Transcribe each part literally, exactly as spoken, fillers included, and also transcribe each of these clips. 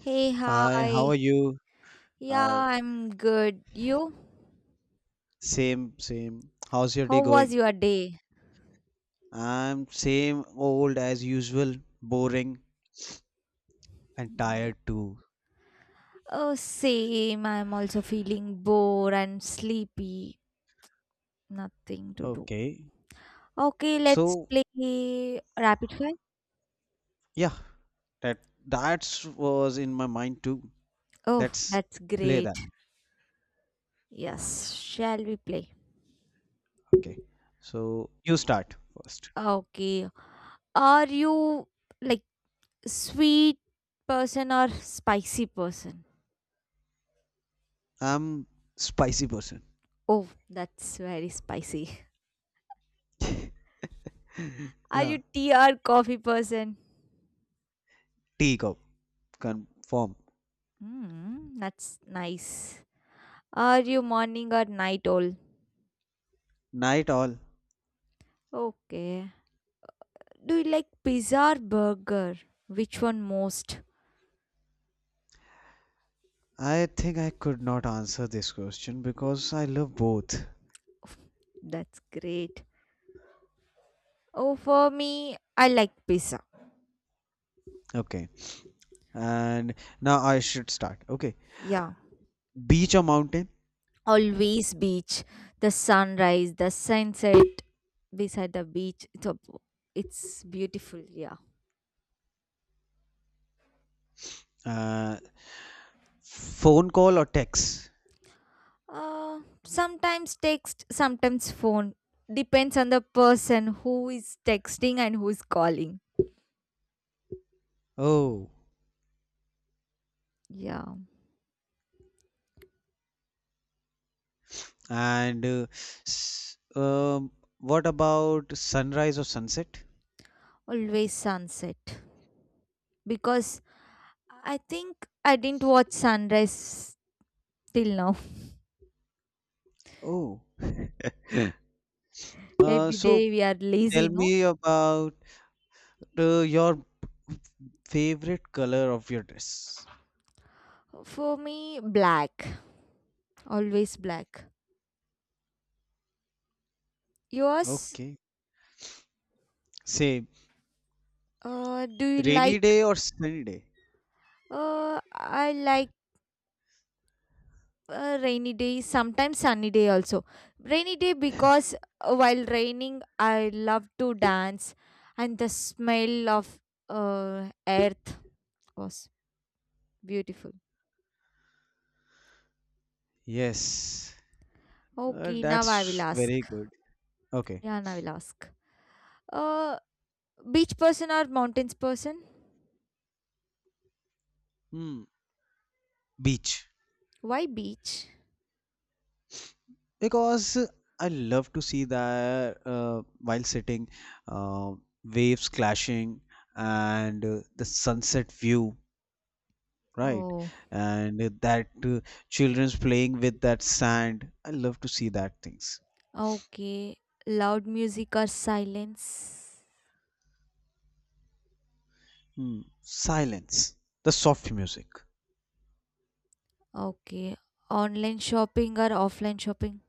Hey, Hi, how hi. are you? Yeah, Hi. I'm good. You? Same, same. How's your day How was going? your day? I'm same old as usual, boring and Yeah. tired too. Oh, same. I'm also feeling bored and sleepy. Nothing to do. Okay. Okay, let's So, play rapid fire. yeah, that that's was in my mind too. Oh, Let's that's play great. that. Yes, shall we play? Okay. So, you start first. Okay. Are you like sweet person or spicy person? I'm spicy person. Oh, that's very spicy. Are Yeah. you tea or coffee person? Tea cup. Confirm. Mm, that's nice. Are you morning or night owl? Night all. Okay. Do you like pizza or burger? Which one most? I think I could not answer this question because I love both. That's great. Oh, for me, I like pizza. Okay. And now I should start. Okay, Yeah. beach or mountain? Always beach, the sunrise, the sunset beside the beach. It's, a, it's beautiful. Yeah. uh, Phone call or text? Uh, sometimes text, sometimes phone. Depends on the person who is texting and who is calling. Oh. Yeah. And uh, s- um, what about sunrise or sunset? Always sunset. Because I think I didn't watch sunrise till now. Oh. uh, Every so day we are lazy, Tell no? me about uh, your favorite color of your dress. For me, black. Always black. Yours? Okay, same. Uh, do you Rainy like? day or sunny day? Uh, I like uh, rainy day. Sometimes sunny day also. Rainy day because uh, while raining, I love to dance, and the smell of uh, earth was beautiful. Yes. uh, Okay, now That's I will ask. very good. Okay. Yeah, now I will ask. Uh, Beach person or mountains person? Hmm, beach. Why beach? Because I love to see that uh, while sitting, uh, waves clashing, and uh, the sunset view, right? Oh, And that uh, children's playing with that sand. I love to see that things. okay. Loud music or silence? Hmm. Silence, the soft music. Okay. Online shopping or offline shopping?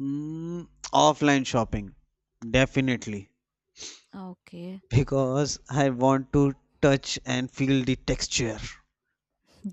Mm, offline shopping, definitely, Okay. because I want to touch and feel the texture.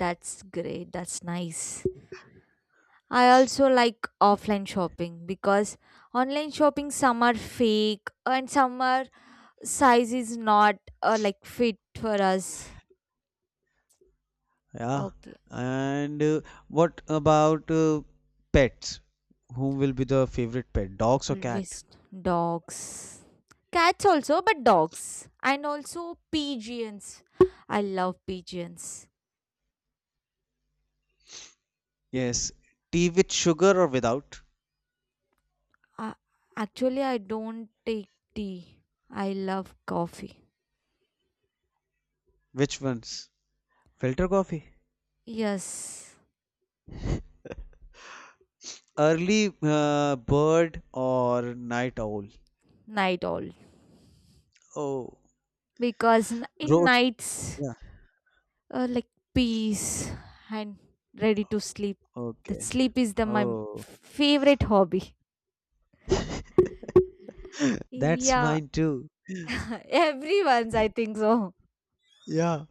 That's great. That's nice. I also like offline shopping because online shopping some are fake and some are size is not uh, like fit for us. Yeah. Okay. And uh, what about uh, pets? Whom will be the favorite pet, dogs or cat? Always dogs. Cats also, but dogs. And also pigeons. I love pigeons. Yes. Tea with sugar or without? Uh, Actually, I don't take tea. I love coffee. Which ones? Filter coffee. Yes, Early uh, bird or night owl? night all. Oh, Because n- in road. nights, Yeah. uh, like peace and ready to sleep. That Okay. sleep is the my Oh, favorite hobby. that's Yeah, mine too. everyone's, I think so. Yeah.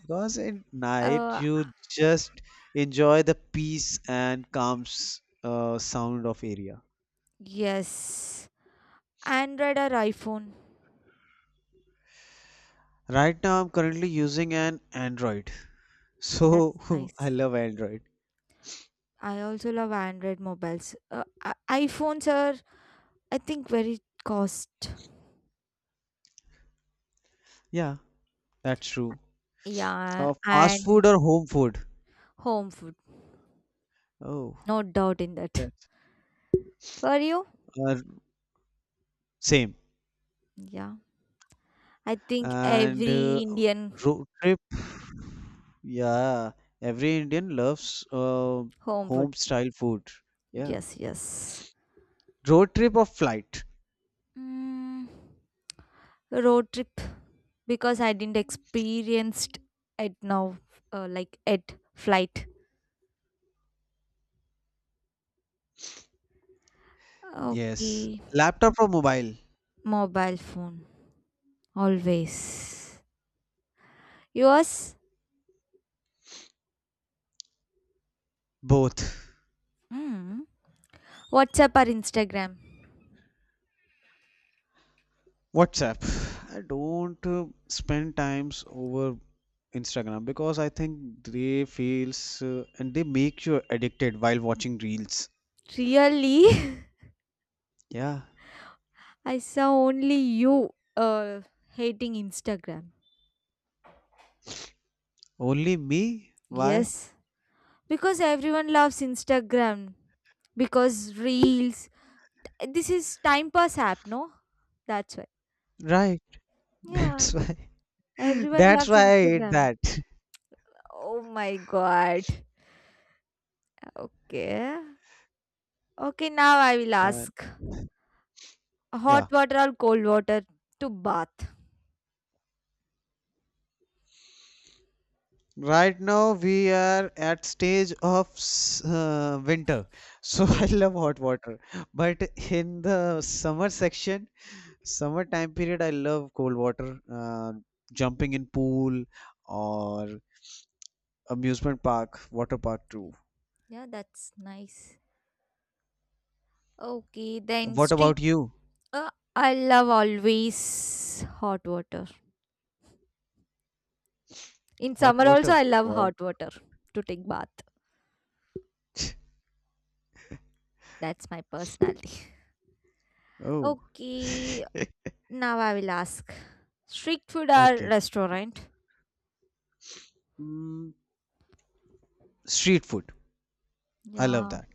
Because at night Uh, you just enjoy the peace and calm s- uh, sound of area. yes. Android or iPhone? Right now I'm currently using an Android. That's So I nice. love Android. I also love Android mobiles. Uh, i- iPhones are, I think, very cost. Yeah, that's true. Yeah, Uh, fast and food or home food? home food. Oh, No doubt in that. that's For you? uh, same. Yeah. I think And every uh, Indian road trip? Yeah, every Indian loves uh, home food. home style food. Yeah. Yes, yes. Road trip or flight? Mm, Road trip because I didn't experienced it now, uh, like at flight. Yes. Okay, Laptop or mobile? mobile phone always. Yours? Both. Hmm. WhatsApp or Instagram? WhatsApp. I don't uh, spend times over Instagram because I think they feels uh, and they make you addicted while watching reels. Really? Yeah. I saw only you uh, hating Instagram. Only me? Why? Yes. Because everyone loves Instagram. Because reels. This is time pass app, no? That's why. Right. That's Yeah. why. Everyone That's loves why I hate Instagram. that. Oh my god. Okay. Okay, now I will Uh, ask, hot yeah. water or cold water to bath? Right now we are at stage of s- uh, winter, so I Yes. love hot water. But in the summer section, summer time period, I love cold water, uh, jumping in pool or amusement park, water park too. Yeah, that's nice. Okay, then What street. about you? Uh, I love always hot water. In Hot summer also, water. I love Wow. hot water to take bath. That's my personality. Oh, Okay, now I will ask. Street food or okay. restaurant? Mm, street food. I love Yeah, that.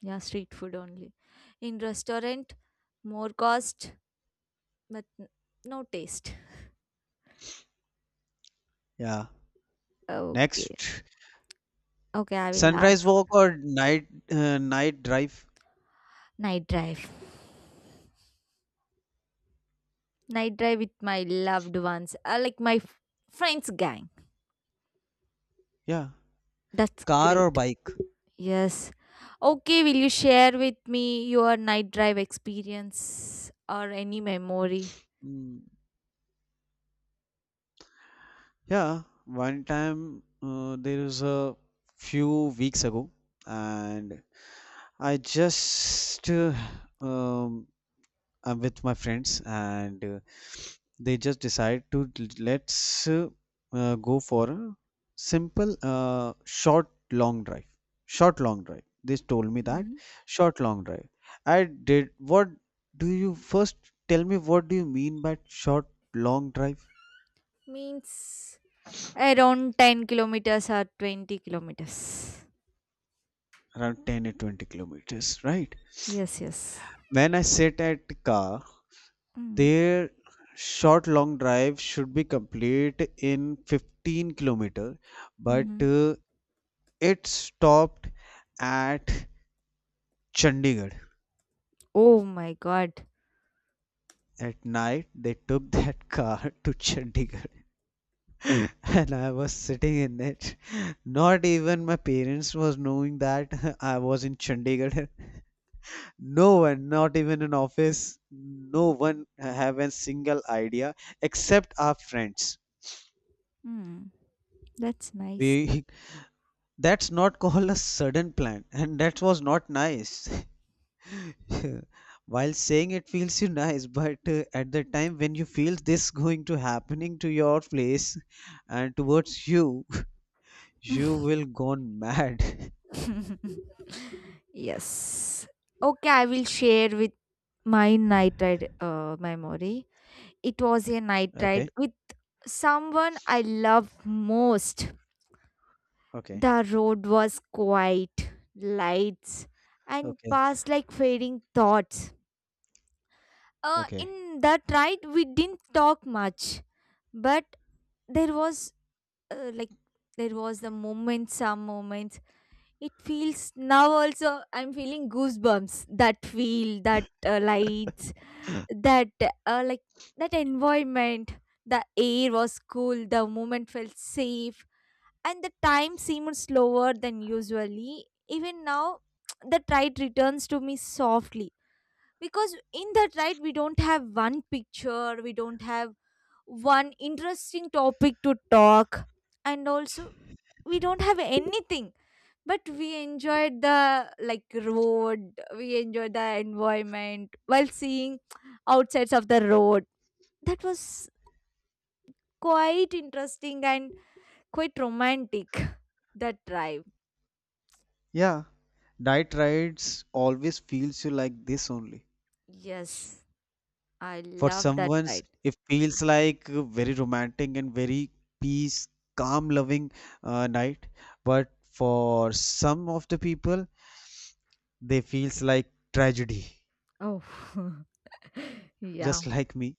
yeah, street food only. In restaurant, more cost, but n- no taste. Yeah. Okay, Next, okay, I will sunrise ask. walk or night uh, night drive? Night drive. Night drive with my loved ones, uh, like my f- friends gang. Yeah. That's Car or great. bike? Yes. Okay, will you share with me your night drive experience or any memory? Mm, yeah, one time uh, there was a few weeks ago, and I just uh, um, I'm with my friends, and uh, they just decide to l- let's uh, uh, go for a simple uh, short long drive. Short long drive. They told me that Hmm. short long drive. I did. What do you first tell me? What do you mean by short long drive? Means around ten kilometers or twenty kilometers. Around ten to twenty kilometers, right? Yes, yes. When I sit at the car, Mm, their short long drive should be complete in fifteen kilometer, but mm. uh, it stopped at Chandigarh. Oh my god. At night, they took that car to Chandigarh. Mm. And I was sitting in it. Not even my parents was knowing that I was in Chandigarh. No one, not even in office, no one have a single idea except our friends. Mm, that's nice. We that's not called a sudden plan, and that was not nice. While saying it feels you nice, but uh, at the time when you feel this going to happening to your place and towards you, you will gone mad. Yes. Okay, I will share with my night ride uh, memory. It was a night ride Okay, with someone I loved most. okay, The road was quiet, lights, and okay, passed like fading thoughts. Uh, okay. In that ride, we didn't talk much, but there was uh, like there was the moment, some moments. It feels, now also I'm feeling goosebumps, that feel, that uh, lights, that uh, like that environment, the air was cool, the moment felt safe, and the time seemed slower than usually. Even now, the tide returns to me softly, because in that right we don't have one picture, we don't have one interesting topic to talk, and also we don't have anything, but we enjoyed the like road, we enjoyed the environment while seeing outsides of the road. That was quite interesting and quite romantic, that drive. Yeah, night rides always feels you like this only. Yes, I For love that someone's, ride. it feels like a very romantic and very peace, calm, loving uh, night. But for some of the people, they feels like tragedy, Oh. Yeah. just like me.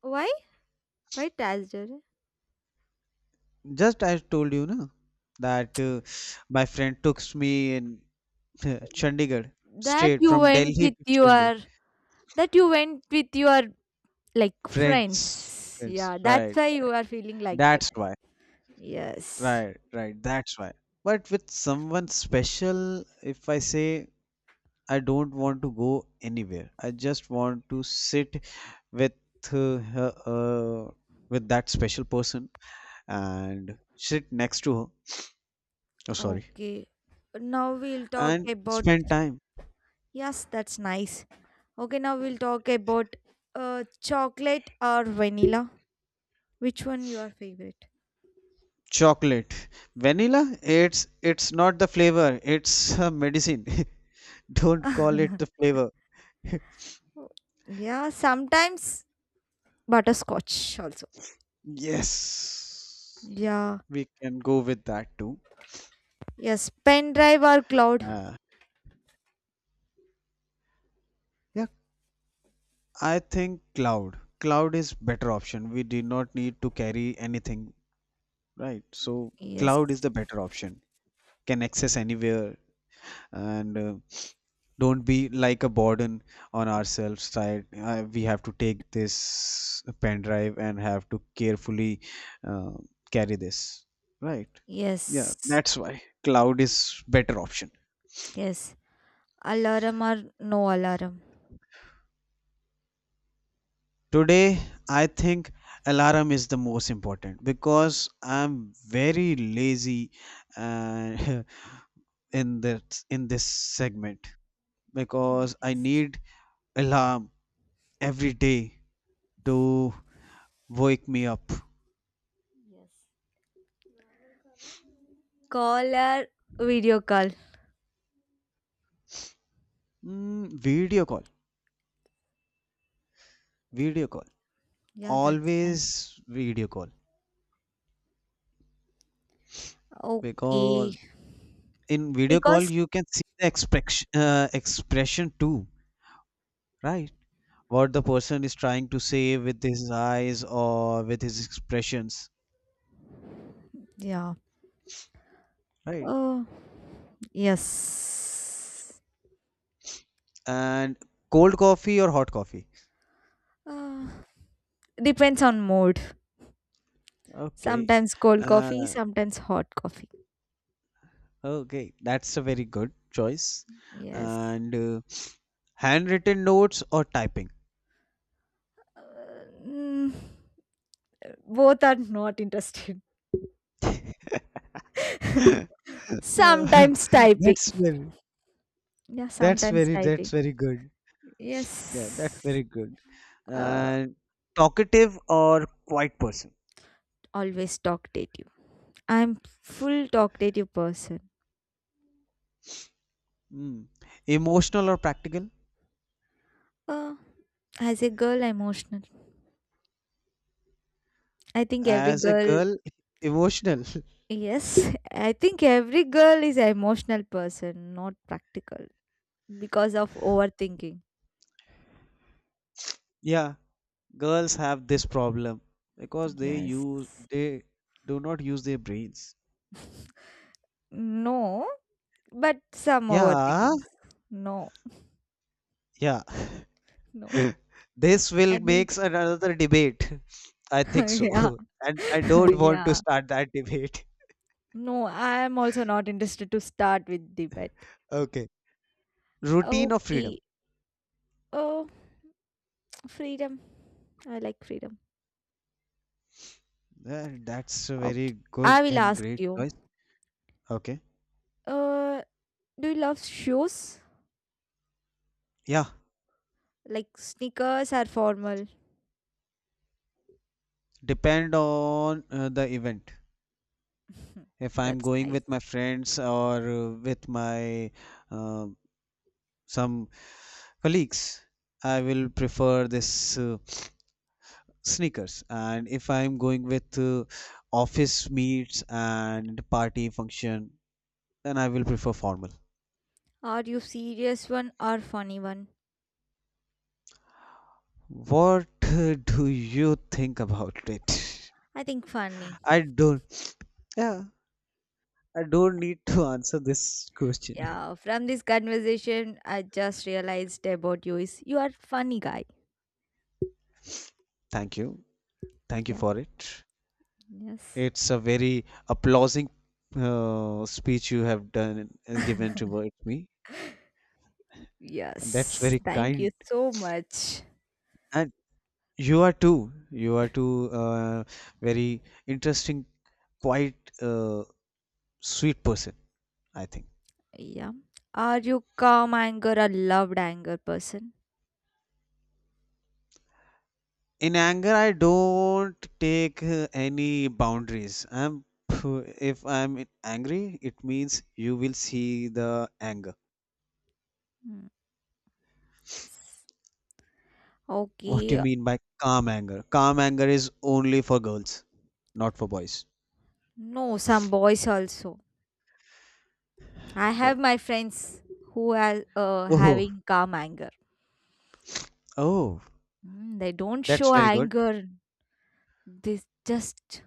Why? Why Tasger? Just I told you, na, that uh, my friend took me in uh, Chandigarh, that straight you from went Delhi with to Chandigarh. your that you went with your like Friends, friends. Yeah, friends, that's right. why you are feeling like that. That's why. Yes. Right, right. That's why. But with someone special, if I say I don't want to go anywhere. I just want to sit with uh, her, uh, with that special person and sit next to her. Oh, sorry, okay now we'll talk and about spend time. Yes, that's nice. Okay, now we'll talk about uh chocolate or vanilla. Which one your favorite? Chocolate, vanilla. It's it's not the flavor. It's a medicine. Don't call it the flavor. Yeah, sometimes butterscotch also. Yes, Yeah. we can go with that too. Yes, pen drive or cloud? Uh, yeah, I think cloud. Cloud is better option. We do not need to carry anything. Right, so Yes, cloud is the better option, can access anywhere, and uh, don't be like a burden on ourselves, right? Uh, we have to take this pen drive and have to carefully uh, carry this, right? Yeah, yes, that's why cloud is better option. yes. Alarm or no alarm? Today I think alarm is the most important because I'm very lazy, uh, in that in this segment, because I need alarm every day to wake me up. Yes. Call or video call? Mm, video call, video call, Yeah, that's nice. always video call. Okay. Because in video call Because, you can see the expression, uh, expression too, right? What the person is trying to say with his eyes or with his expressions, yeah. right? Oh, yes. And cold coffee or hot coffee? Uh, Depends on mood. Okay, Sometimes cold coffee, uh, sometimes hot coffee. okay, that's a very good choice. Yes. And uh, handwritten notes or typing? Uh, mm, Both are not interested. Uh, Sometimes typing. That's very, Yeah, that's sometimes very, that's typing. very good. Yeah, that's Yes. very good. Uh, Uh, talkative or quiet person? Always talkative. I'm full talkative person. Mm. Emotional or practical? Uh, as a girl, emotional. I think every As a girl, girl, emotional. yes, I think every girl is an emotional person, not practical because of overthinking. Yeah, girls have this problem because they Yes. use they do not use their brains. No, but some Yeah, overthinking. No, yeah. no. This I will didn't. makes another debate. I think Yeah. so. And I don't want to Yeah. start that debate. No, I'm also not interested to start with debate. Okay. Routine of freedom. Okay. Oh, freedom. I like freedom. Uh, That's a Okay. very good I will and ask great you. choice. Okay. Uh, do you love shoes? Yeah. Like sneakers are formal? Depend on uh, the event. If I'm That's going nice. with my friends or uh, with my uh, some colleagues, I will prefer this uh, sneakers, and if I'm going with uh, office meets and party function, then I will prefer formal. Are you serious one or funny one? What uh, do you think about it? I think funny. I don't, yeah, I don't need to answer this question. Yeah, from this conversation, I just realized about you is you are funny guy. Thank you, thank you Yeah. for it. Yes. It's a very applauding uh, speech you have done, uh, given towards me, and that's Yes, very thank you kind. so much. And you are too you are too uh, very interesting, quite a sweet person, I think. Yeah. Are you calm anger or loved anger person? In anger, I don't take uh, any boundaries. I'm if I'm angry, it means you will see the anger. Hmm, yes. What do you Okay. mean by calm anger? Calm anger is only for girls, not for boys. No, some boys also. I have No. my friends who are uh, Oh, having calm anger. oh, Hmm, they don't that's show very good. anger. They just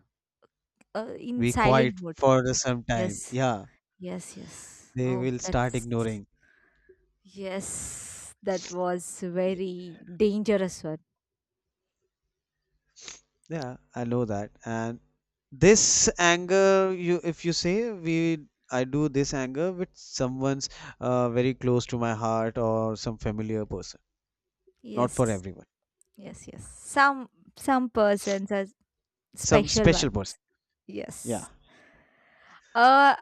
uh, in Be quiet silent mode. for some time. Yes. Yeah, Yes, yes. they Oh, will start that's ignoring. yes. That was very dangerous one. Yeah, I know that. And this anger, you if you say, we I do this anger with someone's uh, very close to my heart or some familiar person, not for Yes. everyone. Yes, yes. Some some persons are Some special special person, ones. yeah. Yes. Uh,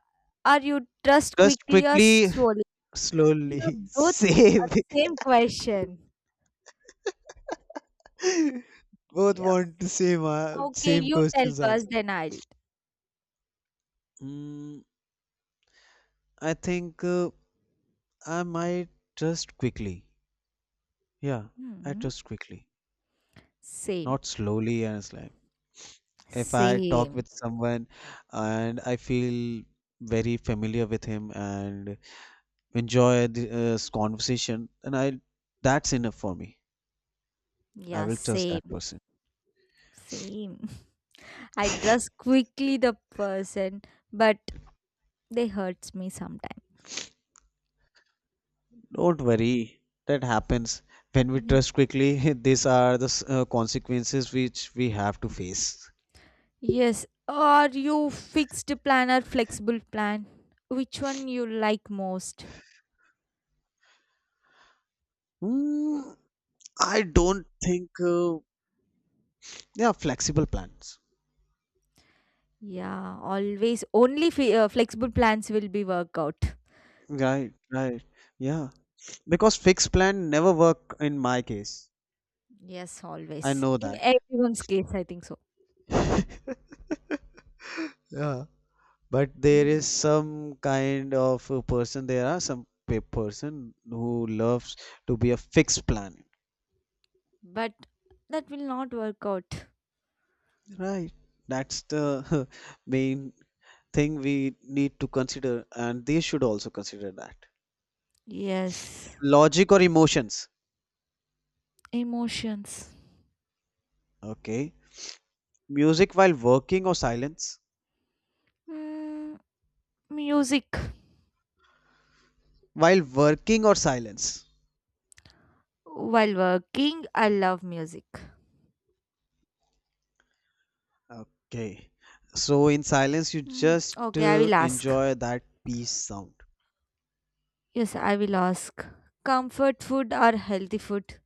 are you trust Just quickly or quickly, slowly? slowly You both uh, save. same question. Both Yes. want the same uh, Okay, same you tell questions first, answered. then I'll. Mm, I think uh, I might just quickly, yeah, I Hmm. trust quickly. Same. Not slowly, and it's like if I talk Same. with someone and I feel very familiar with him and enjoy this conversation, and I, that's enough for me. I Yeah, will trust same. that person. Same. I trust quickly the person, but they hurts me sometimes. Don't worry, that happens. When we Yeah. trust quickly, these are the s- uh, consequences which we have to face. Yes. Are you fixed plan or flexible plan? Which one you like most? Hmm, I don't think. Uh, yeah, flexible plans. Yeah, always only fe uh, flexible plans will be work out. Right, right. Yeah, because fixed plan never work in my case. Yes, I always. know In that. everyone's case, I think so. Yeah. But there Mm. is some kind of a person, there are some pe- person who loves to be a fixed planet. But that will not work out. Right. That's the main thing we need to consider, and they should also consider that. Yes, Logic or emotions. emotions. Okay. Music while working or silence. Mm, Music. While working or silence. While working, I love music. Okay. So in silence, you Mm, just okay, I uh, will ask. enjoy that peace sound. Yes, I will ask. Comfort food or healthy food?